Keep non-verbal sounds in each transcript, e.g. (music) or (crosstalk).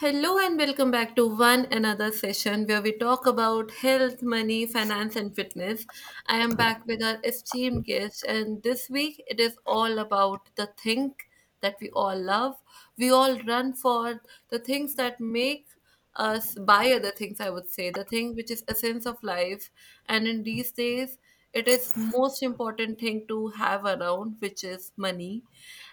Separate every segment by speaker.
Speaker 1: Hello and welcome back to one another session where we talk about health, money, finance, and fitness. I am back with our esteemed guest, and this week it is all about the thing that we all love. We all run for the things that make us by other things, I would say, the thing which is essence of life. And in these days, it is most important thing to have around, which is money.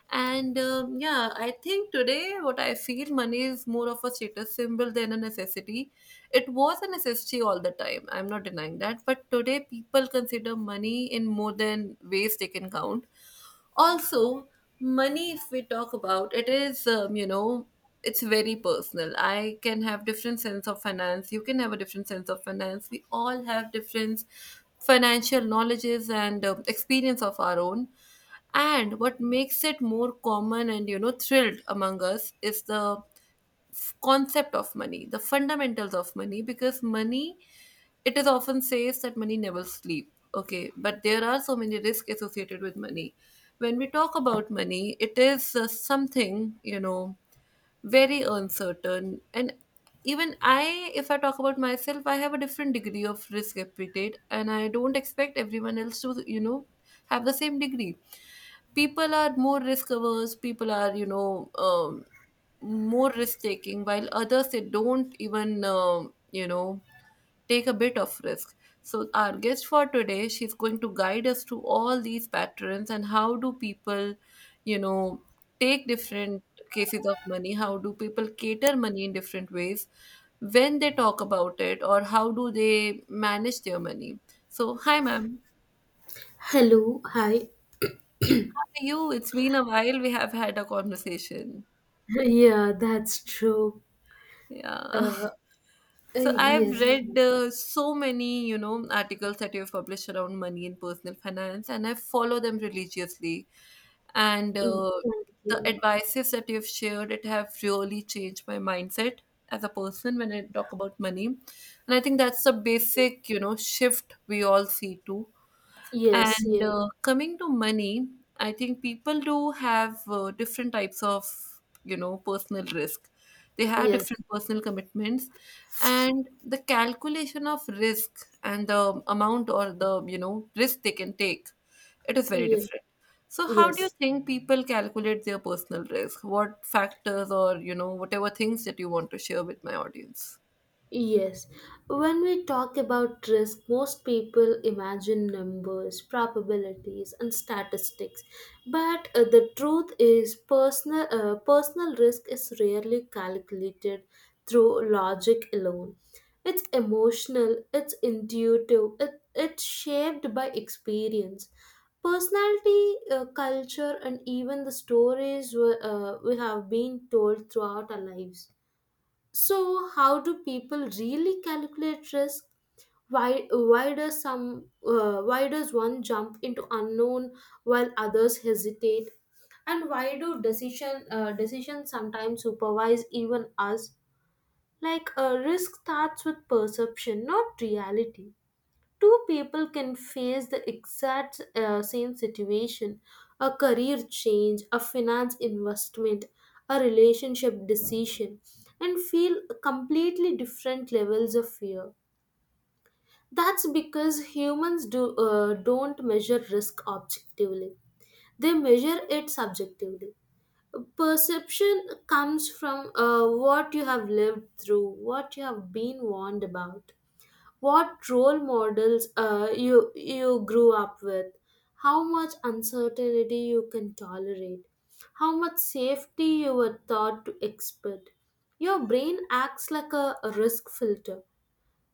Speaker 1: And yeah, I think today what I feel money is more of a status symbol than a necessity. It was a necessity all the time. I'm not denying that. But today people consider money in more than ways they can count also. Money, if we talk about it, is it's very personal. I can have different sense of finance, you can have a different sense of finance, we all have different financial knowledges and experience of our own, and what makes it more common and, you know, thrilled among us is the concept of money, the fundamentals of money, because money, it is often says that money never sleep. Okay, but there are so many risks associated with money. When we talk about money, it is something, you know, very uncertain, and even I, if I talk about myself, I have a different degree of risk appetite, and I don't expect everyone else to, you know, have the same degree. People are more risk averse, people are, you know, more risk taking, while others they don't even, you know, take a bit of risk. So our guest for today, she's going to guide us to all these patterns and how do people, you know, take different cases of money, how do people cater money in different ways when they talk about it, or how do they manage their money. So hi, ma'am,
Speaker 2: Hello, hi.
Speaker 1: how are you? It's been a while we have had a conversation.
Speaker 2: Yeah, that's true.
Speaker 1: Yeah. (laughs)
Speaker 2: Uh,
Speaker 1: So I've
Speaker 2: yes.
Speaker 1: read so many, you know, articles that you've published around money and personal finance, and I follow them religiously. And uh,
Speaker 2: Thank
Speaker 1: the
Speaker 2: you.
Speaker 1: advices that you've shared, it have really changed my mindset as a person when I talk about money. And I think that's a basic, you know, shift we all see too.
Speaker 2: Yes,
Speaker 1: And
Speaker 2: yes,
Speaker 1: uh, coming to money, I think people do have different types of, you know, personal risk. They have
Speaker 2: yes,
Speaker 1: different personal commitments, and the calculation of risk and the amount or the, you know, risk they can take, it is very
Speaker 2: yes,
Speaker 1: different. So, how do you
Speaker 2: yes.
Speaker 1: think people calculate their personal risk? What factors or, you know, whatever things that you want to share with my audience?
Speaker 2: Yes, when we talk about risk, most people imagine numbers, probabilities, and statistics. But the truth is, personal risk is rarely calculated through logic alone. It's emotional, it's intuitive, it's shaped by experience. Personality, culture, and even the stories we have been told throughout our lives. So, how do people really calculate risk? Why does some why does one jump into unknown while others hesitate? And why do decisions sometimes supervise even us? Like risk starts with perception, not reality. Two people can face the exact same situation, a career change, a finance investment, a relationship decision, and feel completely different levels of fear. That's because humans do don't measure risk objectively, they measure it subjectively. Perception comes from what you have lived through, what you have been warned about, what role models you grew up with, how much uncertainty you can tolerate, how much safety you were taught to expect. Your brain acts like a risk filter.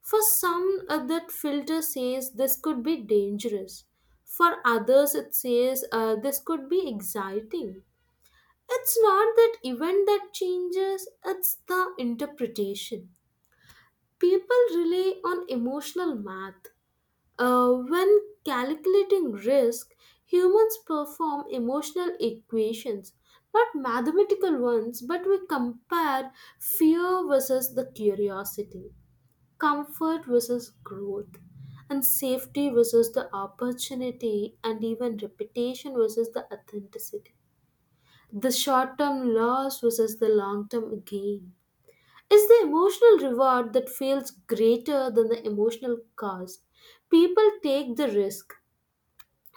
Speaker 2: For some, that filter says this could be dangerous, for others it says this could be exciting. It's not that event that changes, it's the interpretation. People rely on emotional math. When calculating risk, humans perform emotional equations, not mathematical ones, but we compare fear versus the curiosity, comfort versus growth, and safety versus the opportunity, and even reputation versus the authenticity. The short term loss versus the long term gain. It's the emotional reward that feels greater than the emotional cost. People take the risk.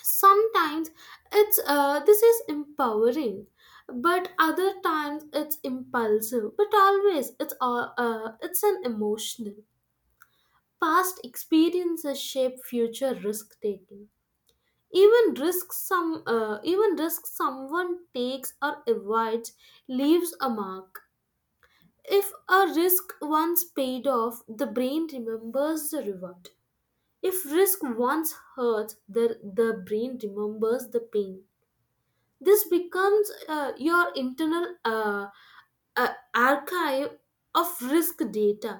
Speaker 2: Sometimes it's this is empowering, but other times it's impulsive, but always it's an emotional. Past experiences shape future risk taking. Even risk someone takes or avoids leaves a mark. If a risk once paid off, the brain remembers the reward. If risk once hurts, the brain remembers the pain. This becomes your internal archive of risk data.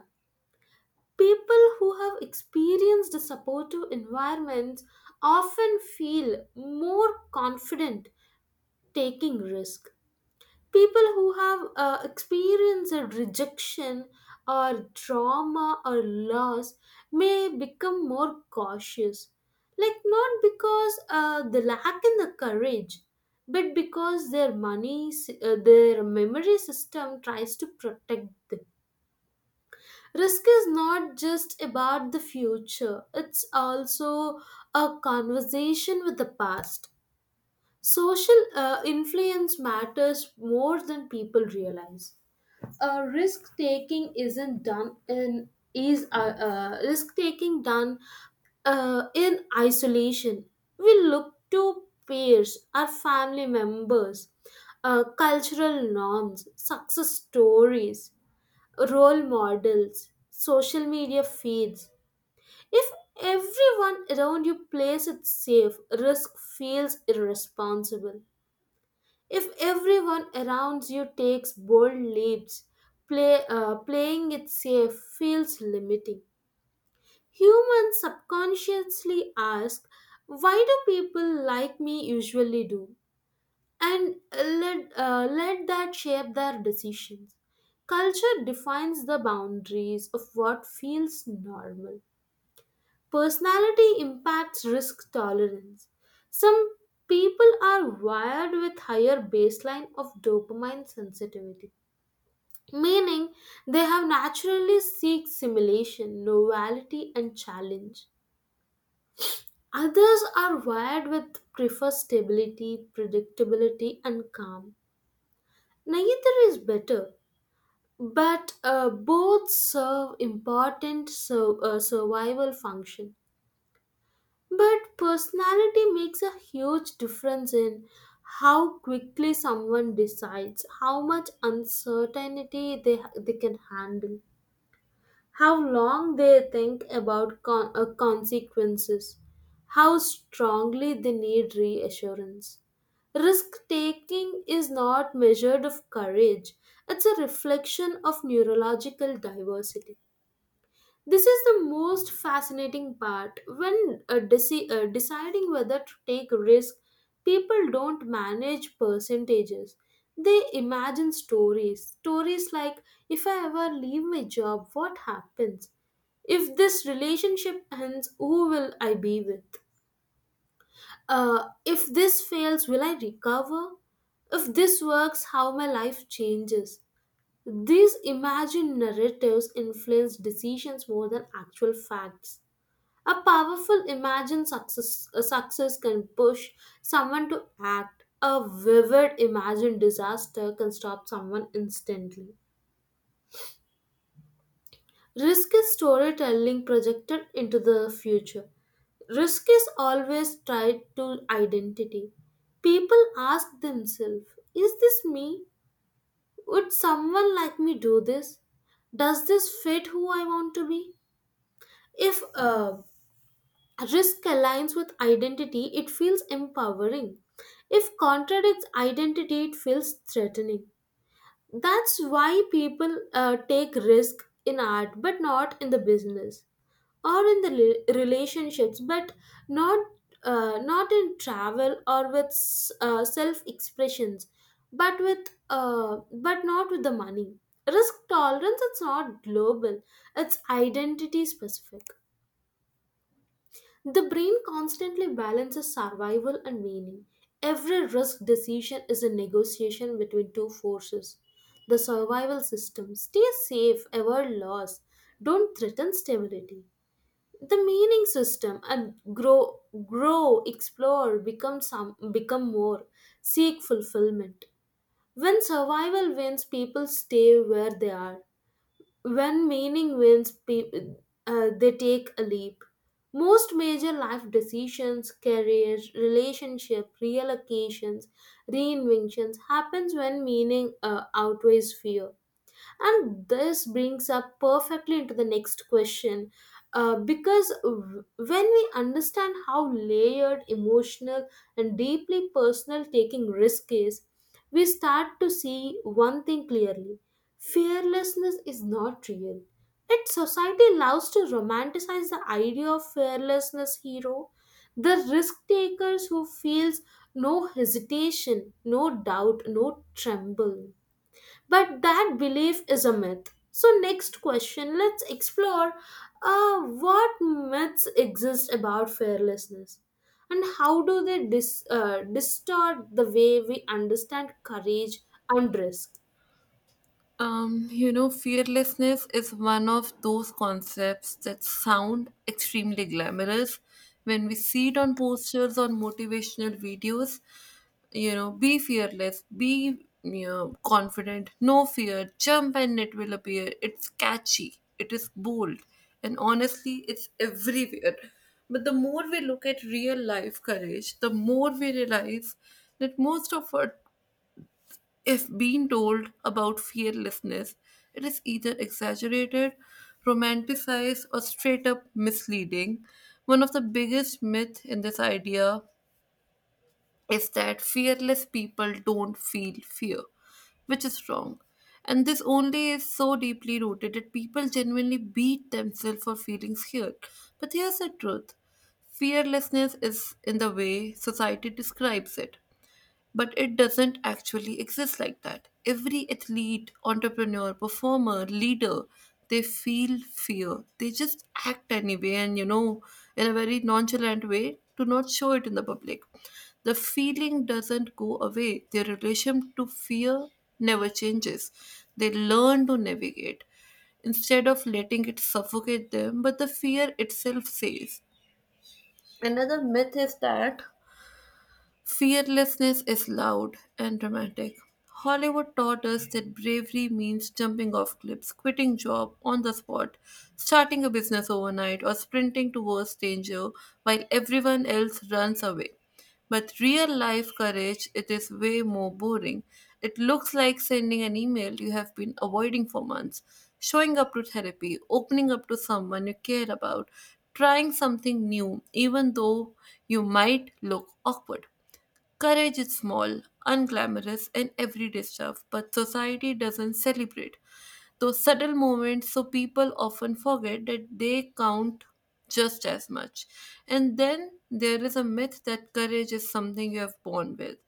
Speaker 2: People who have experienced supportive environments often feel more confident taking risk. People who have experienced rejection or trauma or loss may become more cautious, like not because they lack in the courage, but because their memory system tries to protect them. Risk is not just about the future, it's also a conversation with the past. Social influence matters more than people realize. Uh, risk taking isn't done in is Risk taking done in isolation. We look to peers, our family members, cultural norms, success stories, role models, social media feeds. If everyone around you plays it safe, risk feels irresponsible. If everyone around you takes bold leaps, playing it safe feels limiting. Humans subconsciously ask, why do people like me usually do? And let that shape their decisions. Culture defines the boundaries of what feels normal. Personality impacts risk tolerance. Some people are wired with higher baseline of dopamine sensitivity, meaning they have naturally seek simulation, novelty and challenge. Others are wired with prefer stability, predictability and calm. Neither is better, but both serve important survival function. But personality makes a huge difference in how quickly someone decides, how much uncertainty they can handle, how long they think about consequences, how strongly they need reassurance. Risk taking is not measured of courage, it's a reflection of neurological diversity. This is the most fascinating part. When deciding whether to take risk, people don't manage percentages. They imagine stories. Stories like, if I ever leave my job, what happens? If this relationship ends, who will I be with? If this fails, will I recover? If this works, how my life changes. These imagined narratives influence decisions more than actual facts. A powerful imagined success, a success, can push someone to act. A vivid imagined disaster can stop someone instantly. Risk is storytelling projected into the future. Risk is always tied to identity. People ask themselves, is this me? Would someone like me do this? Does this fit who I want to be? If risk aligns with identity, it feels empowering. If contradicts identity, it feels threatening. That's why people take risk in art, but not in the business, or in the relationships, but not not in travel or with self expressions, but with but not with the money. Risk tolerance it's not global; it's identity specific. The brain constantly balances survival and meaning. Every risk decision is a negotiation between two forces. The survival system stay safe, avoid loss, don't threaten stability. The meaning system and grow, explore, become more, seek fulfillment. When survival wins, people stay where they are. When meaning wins, they take a leap. Most major life decisions, career, relationship, reallocations, reinventions happens when meaning outweighs fear. And this brings up perfectly into the next question. Because when we understand how layered, emotional, and deeply personal taking risk is, we start to see one thing clearly. Fearlessness is not real. Yet society loves to romanticize the idea of fearlessness hero, the risk takers who feels no hesitation, no doubt, no tremble. But that belief is a myth. So, next question, let's explore what myths exist about fearlessness and how do they distort the way we understand courage and risk.
Speaker 1: You know, fearlessness is one of those concepts that sound extremely glamorous when we see it on posters on motivational videos. You know, be fearless, be, you know, confident, no fear, jump and it will appear. It's catchy, it is bold, and honestly, it's everywhere. But the more we look at real life courage, the more we realize that most of our if being told about fearlessness, it is either exaggerated, romanticized, or straight up misleading. One of the biggest myths in this idea is that fearless people don't feel fear, which is wrong. And this only is so deeply rooted that people genuinely beat themselves for feeling scared. But here's the truth: fearlessness is in the way society describes it, but it doesn't actually exist like that. Every athlete, entrepreneur, performer, leader, they feel fear. They just act anyway, and, you know, in a very nonchalant way, to not show it in the public. The feeling doesn't go away. Their relation to fear never changes. They learn to navigate instead of letting it suffocate them, but the fear itself stays. Another myth is that fearlessness is loud and dramatic. Hollywood taught us that bravery means jumping off cliffs, quitting job on the spot, starting a business overnight, or sprinting towards danger while everyone else runs away. But real life courage, it is way more boring. It looks like sending an email you have been avoiding for months, showing up to therapy, opening up to someone you care about, trying something new, even though you might look awkward. Courage is small, unglamorous, and everyday stuff, but society doesn't celebrate those subtle moments, so people often forget that they count just as much. And then there is a myth that courage is something you have born with.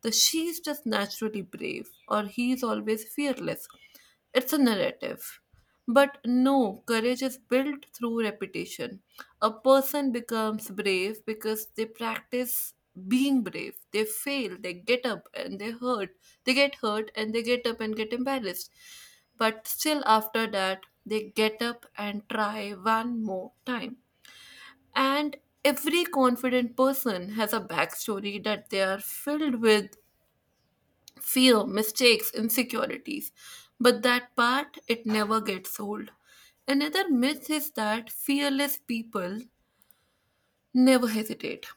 Speaker 1: The she's just naturally brave, or he's always fearless. It's a narrative. But no, courage is built through repetition. A person becomes brave because they practice being brave. They fail, they get up and they hurt. They get hurt and they get up and get embarrassed. But still, after that, they get up and try one more time. And every confident person has a backstory that they are filled with fear, mistakes, insecurities. But that part, it never gets old. Another myth is that fearless people never hesitate.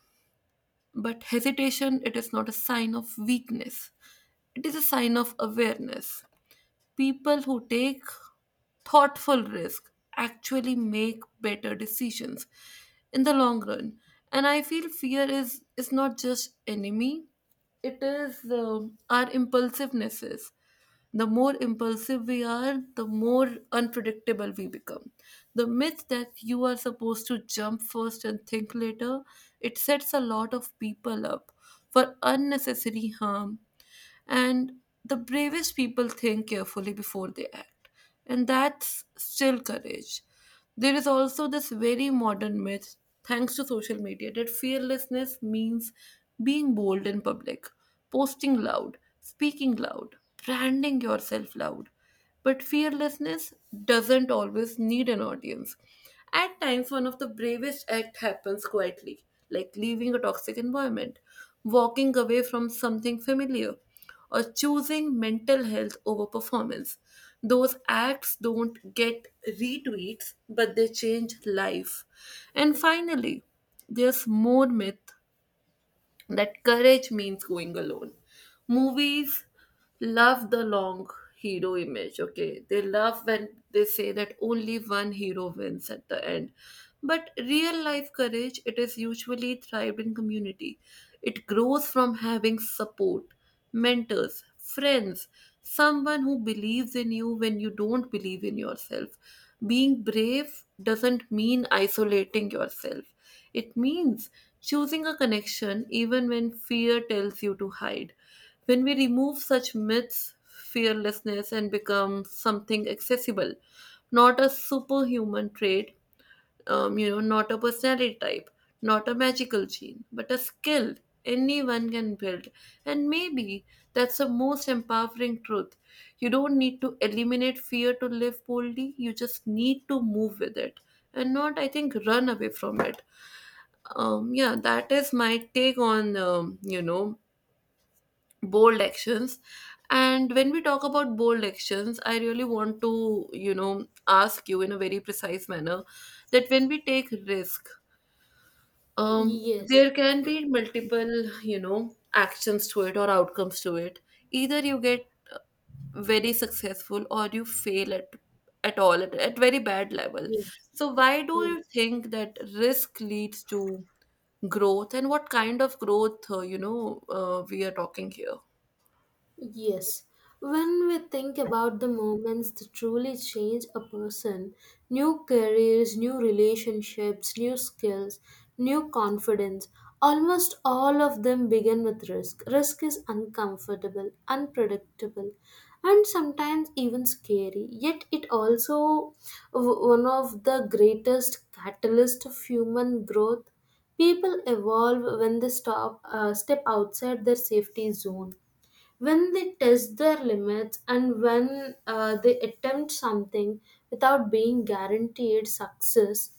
Speaker 1: But hesitation, it is not a sign of weakness, it is a sign of awareness. People who take thoughtful risk actually make better decisions in the long run. And I feel fear is not just enemy, it is our impulsivenesses. The more impulsive we are, the more unpredictable we become. The myth that you are supposed to jump first and think later, it sets a lot of people up for unnecessary harm, and the bravest people think carefully before they act, and that's still courage. There is also this very modern myth, thanks to social media, that fearlessness means being bold in public, posting loud, speaking loud, branding yourself loud. But fearlessness doesn't always need an audience. At times, one of the bravest acts happens quietly, like leaving a toxic environment, walking away from something familiar, or choosing mental health over performance. Those acts don't get retweets, but they change life. And finally, there's more myth that courage means going alone. Movies love the long hero image, okay? They love when they say that only one hero wins at the end. But real life courage, it is usually thrived in community. It grows from having support, mentors, friends, someone who believes in you when you don't believe in yourself. Being brave doesn't mean isolating yourself, it means choosing a connection even when fear tells you to hide. When we remove such myths, fearlessness and become something accessible, not a superhuman trait, you know, not a personality type, not a magical gene, but a skill anyone can build. And maybe that's the most empowering truth. You don't need to eliminate fear to live boldly, you just need to move with it and not, I think, run away from it. Yeah, that is my take on you know, bold actions. And when we talk about bold actions, I really want to, you know, ask you in a very precise manner that when we take risk,
Speaker 2: Yes,
Speaker 1: there can be multiple, you know, actions to it or outcomes to it. Either you get very successful or you fail at at very bad level.
Speaker 2: yes,
Speaker 1: So why do you
Speaker 2: yes.
Speaker 1: think that risk leads to growth, and what kind of growth, you know, we are talking here?
Speaker 2: Yes. When we think about the moments that truly change a person, new careers, new relationships, new skills, new confidence, almost all of them begin with risk. Risk is uncomfortable, unpredictable, and sometimes even scary. Yet it also one of the greatest catalyst of human growth. People evolve when they stop step outside their safety zone, when they test their limits, and when they attempt something without being guaranteed success.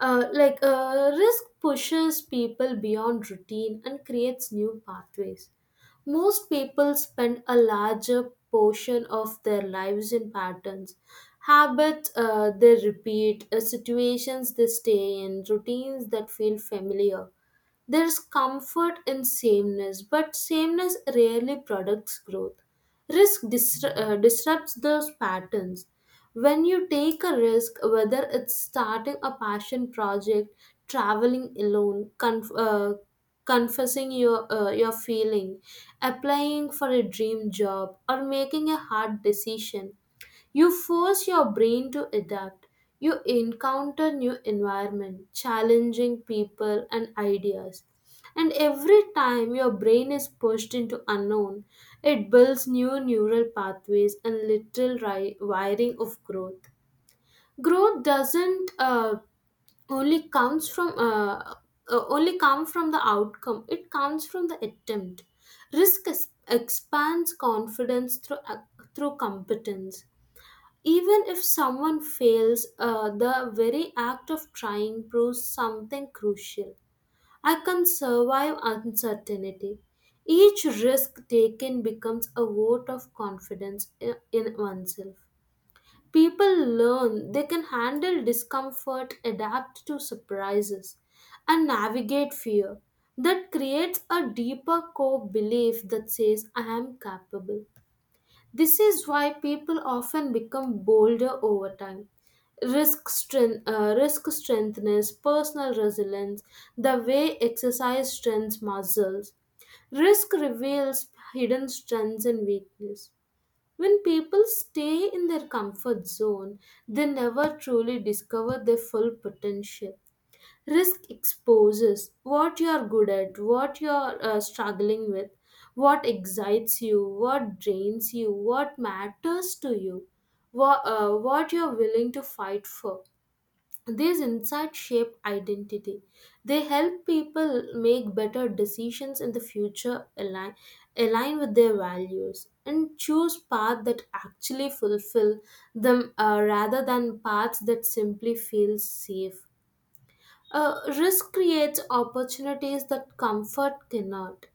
Speaker 2: Risk pushes people beyond routine and creates new pathways. Most people spend a larger portion of their lives in patterns, habits they repeat, situations they stay in, routines that feel familiar. There's comfort in sameness, but sameness rarely products growth. Risk disrupts those patterns. When you take a risk, whether it's starting a passion project, traveling alone, confessing your feeling, applying for a dream job, or making a hard decision, you force your brain to adapt. You encounter new environment, challenging people and ideas. And every time your brain is pushed into unknown, it builds new neural pathways and little wiring of growth. Growth doesn't only comes from uh, only come from the outcome. It comes from the attempt. Risk expands confidence through through competence. Even if someone fails, the very act of trying proves something crucial. I can survive uncertainty. Each risk taken becomes a vote of confidence in oneself. People learn they can handle discomfort, adapt to surprises, and navigate fear. That creates a deeper core belief that says, I am capable. This is why people often become bolder over time. Risk strengthens personal resilience, the way exercise strengthens muscles. Risk reveals hidden strengths and weakness. When people stay in their comfort zone, they never truly discover their full potential. Risk exposes what you're good at, what you're struggling with, what excites you, what drains you, what matters to you, what you're willing to fight for. These insights shape identity. They help people make better decisions in the future, align with their values, and choose paths that actually fulfill them, rather than paths that simply feel safe. Risk creates opportunities that comfort cannot.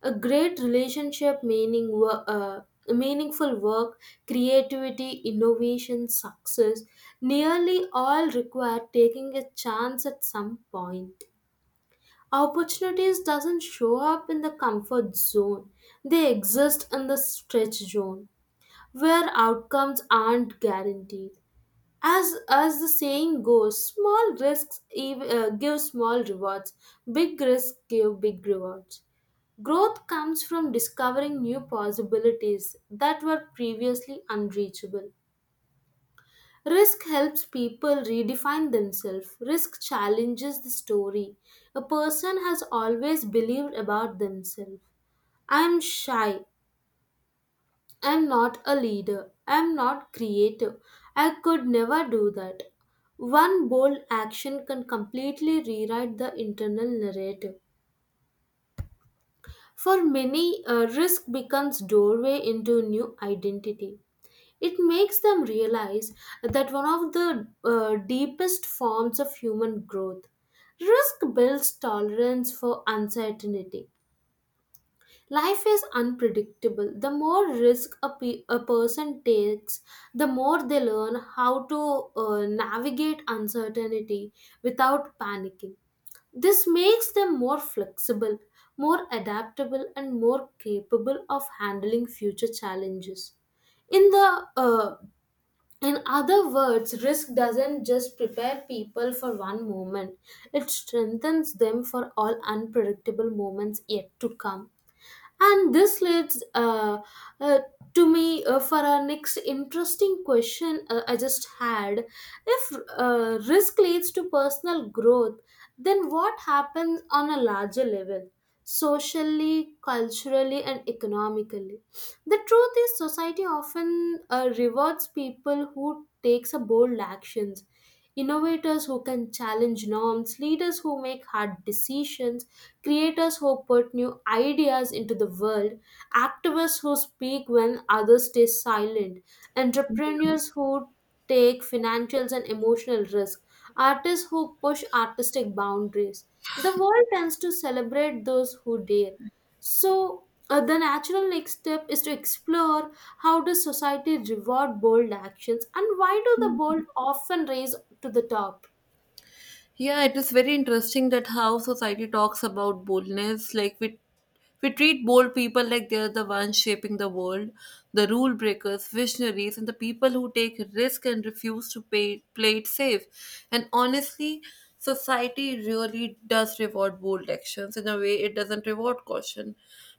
Speaker 2: A great relationship, meaningful work, creativity, innovation, success, nearly all require taking a chance at some point. Opportunities doesn't show up in the comfort zone. They exist in the stretch zone where outcomes aren't guaranteed. As the saying goes, small risks give small rewards, big risks give big rewards. Growth comes from discovering new possibilities that were previously unreachable. Risk helps people redefine themselves. Risk challenges the story a person has always believed about themselves. I am shy. I'm not a leader. I'm not creative. I could never do that. One bold action can completely rewrite the internal narrative. For many, a risk becomes doorway into new identity. It makes them realize that one of the deepest forms of human growth. Risk builds tolerance for uncertainty. Life is unpredictable. The more risk a person takes, the more they learn how to navigate uncertainty without panicking. This makes them more flexible, more adaptable, and more capable of handling future challenges. In the uh, in other words, risk doesn't just prepare people for one moment; it strengthens them for all unpredictable moments yet to come. And this leads uh, to me for our next interesting question I just had. If risk leads to personal growth, then what happens on a larger level? Socially, culturally, and economically. The truth is, society often rewards people who takes a bold actions, innovators who can challenge norms, leaders who make hard decisions, creators who put new ideas into the world, activists who speak when others stay silent, entrepreneurs who take financial and emotional risk, artists who push artistic boundaries. The world tends to celebrate those who dare. So, the natural next step is to explore how does society reward bold actions and why do the bold often raise to the top?
Speaker 1: Yeah, it is very interesting that how society talks about boldness. Like we treat bold people like they're the ones shaping the world, the rule breakers, visionaries, and the people who take risk and refuse to pay, play it safe. And honestly, society really does reward bold actions in a way it doesn't reward caution.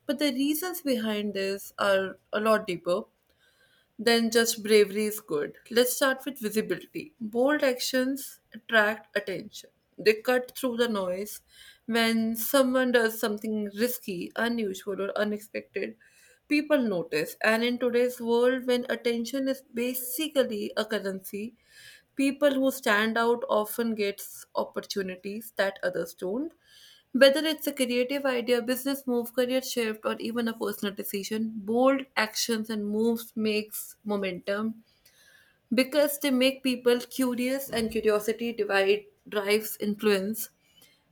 Speaker 1: But the reasons behind this are a lot deeper then just bravery is good. Let's start with visibility. Bold actions attract attention, they cut through the noise. When someone does something risky, unusual, or unexpected, people notice. And in today's world, when attention is basically a currency, people who stand out often gets opportunities that others don't, whether it's a creative idea, business move, career shift, or even a personal decision. Bold actions and moves makes momentum because they make people curious, and curiosity divide drives influence.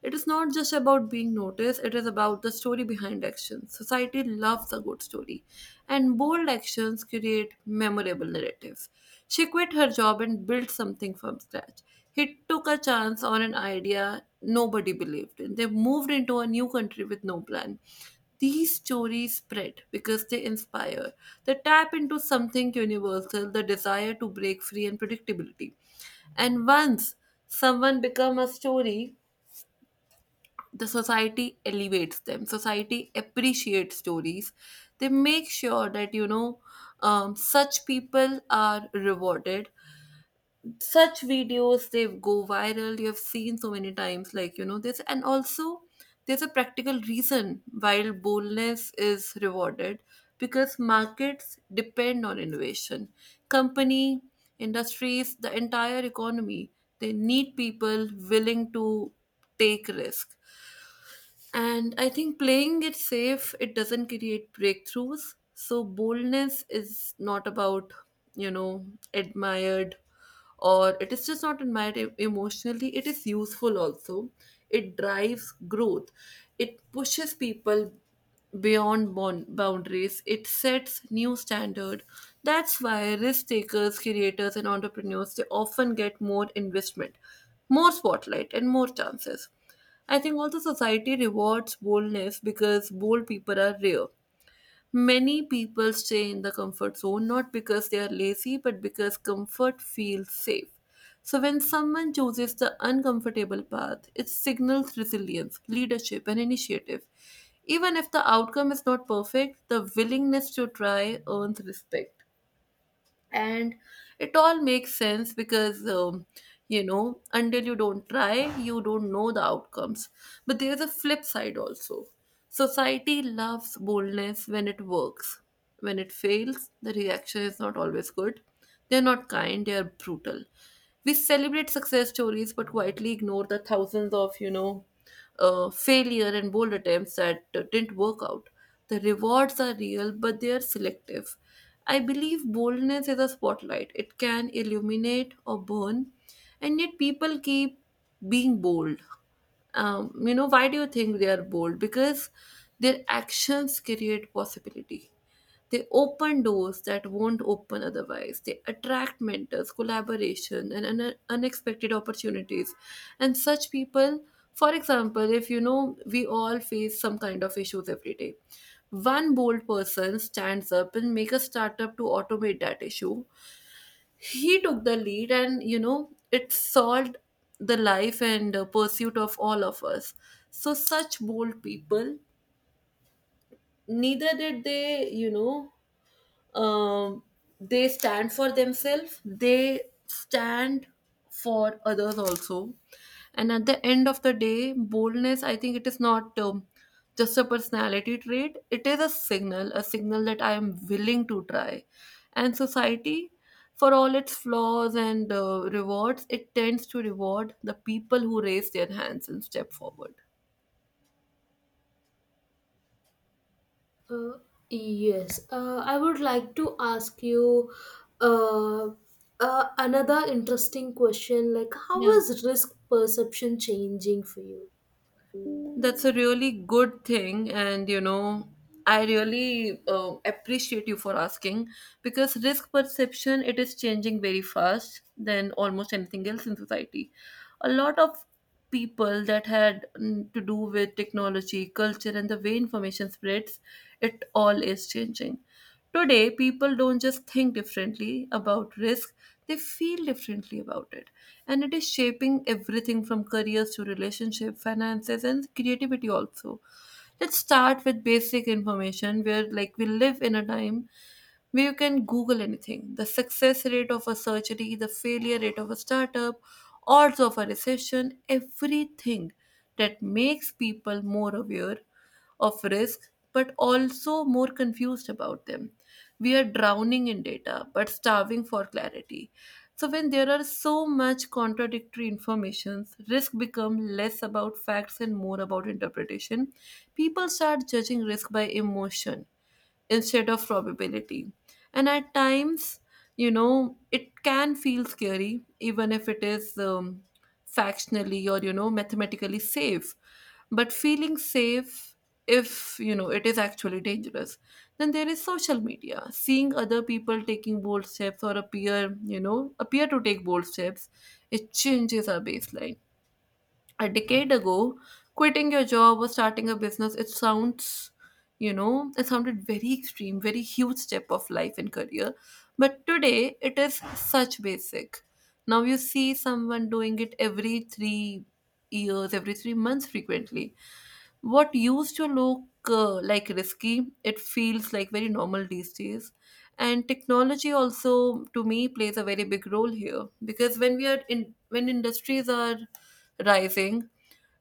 Speaker 1: It is not just about being noticed, it is about the story behind actions. Society loves a good story, and bold actions create memorable narratives. She quit her job and built something from scratch. He took a chance on an idea nobody believed in. They moved into a new country with no plan. These stories spread because they inspire. They tap into something universal, the desire to break free and predictability. And once someone become a story, the society elevates them society appreciates stories they make sure that such people are rewarded such videos they go viral you have seen so many times like this and also there's a practical reason while boldness is rewarded because markets depend on innovation company industries the entire economy they need people willing to take risk. And I think playing it safe, it doesn't create breakthroughs. So boldness is not about, you know, admired, or it is just not admired emotionally. It is useful also. It drives growth. It pushes people beyond boundaries. It sets new standard. That's why risk takers, creators and entrepreneurs, they often get more investment, more spotlight and more chances. I think also society rewards boldness because bold people are rare. Many people stay in the comfort zone not because they are lazy but because comfort feels safe. So when someone chooses the uncomfortable path, it signals resilience, leadership, and initiative. Even if the outcome is not perfect, the willingness to try earns respect, and it all makes sense because until you don't try you don't know the outcomes. But there's a flip side also. Society loves boldness when it works. When it fails the reaction is not always good, they're not kind, they're brutal. We celebrate success stories but quietly ignore the thousands of failure and bold attempts that didn't work out. The rewards are real but they are selective. I believe boldness is a spotlight. It can illuminate or burn, and yet people keep being bold. Why do you think they are bold? Because their actions create possibility. They open doors that won't open otherwise. They attract mentors, collaboration, and unexpected opportunities. And such people, for example, if you know, we all face some kind of issues every day. One bold person stands up and make a startup to automate that issue. He took the lead, and you know, it solved the life and pursuit of all of us. So, such bold people, neither did they, um, they stand for themselves, they stand for others also. And at the end of the day boldness I think it is not just a personality trait, it is a signal, a signal that I am willing to try. And society, for all its flaws and rewards, it tends to reward the people who raise their hands and step forward.
Speaker 2: Uh, yes, I would like to ask you uh, another interesting question like, how
Speaker 1: Yeah.
Speaker 2: is risk perception changing for you?
Speaker 1: That's a really good thing, and you know, I really appreciate you for asking because risk perception it is changing very fast than almost anything else in society. A lot of people that had to do with technology, culture, and the way information spreads, it all is changing. Today, people don't just think differently about risk, they feel differently about it. And it is shaping everything from careers to relationship, finances, and creativity also. Let's start with basic information where like we live in a time where you can Google anything. The success rate of a surgery, the failure rate of a startup, odds of a recession, everything that makes people more aware of risk, but also more confused about them. We are drowning in data, but starving for clarity. So when there are so much contradictory informations, risk become less about facts and more about interpretation. People start judging risk by emotion instead of probability. And at times, you know, it can feel scary, even if it is factionally or, you know, mathematically safe. But feeling safe, if, you know, it is actually dangerous. Then there is social media, seeing other people taking bold steps or appear, you know, appear to take bold steps, it changes our baseline. A decade ago, quitting your job or starting a business, it sounds, you know, it sounded very extreme, very huge step of life and career. But today, it is such basic. Now you see someone doing it every 3 years, every 3 months frequently. What used to look like risky, it feels like very normal these days. And technology also, to me, plays a very big role here because when industries are rising,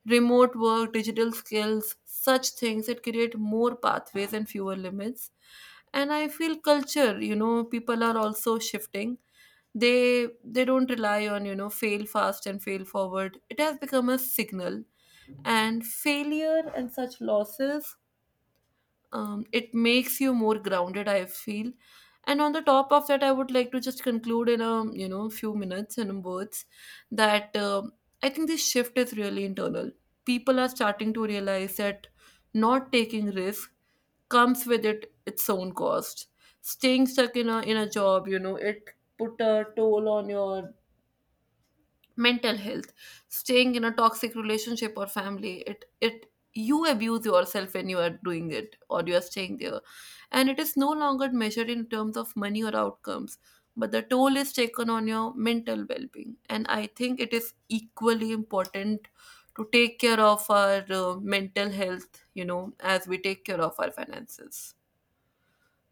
Speaker 1: remote work, digital skills, such things that create more pathways and fewer limits. And I feel culture, you know, people are also shifting. They don't rely on, you know, fail fast and fail forward. It has become a signal. And failure and such losses it makes you more grounded I feel. And on the top of that I would like to just conclude in a few minutes and words that I think this shift is really internal. People are starting to realize that not taking risk comes with it its own cost. Staying stuck in a job, you know, it put a toll on your mental health. Staying in a toxic relationship or family, it you abuse yourself when you are doing it or you are staying there. And it is no longer measured in terms of money or outcomes, but the toll is taken on your mental well-being, and I think it is equally important to take care of our mental health, you know, as we take care of our finances.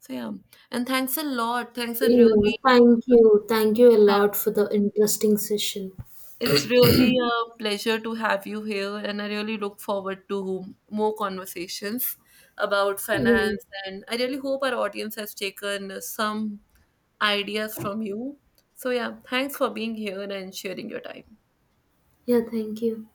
Speaker 1: So yeah, and thanks a lot, thanks a
Speaker 2: Yeah,
Speaker 1: really
Speaker 2: thank you. Thank you a
Speaker 1: uh,
Speaker 2: lot for the interesting session.
Speaker 1: it's really a pleasure to have you here, and I really look forward to more conversations about
Speaker 2: Yeah,
Speaker 1: finance. And I really hope our audience has taken some ideas from you. So, yeah, thanks for being here and sharing your time.
Speaker 2: yeah, thank you.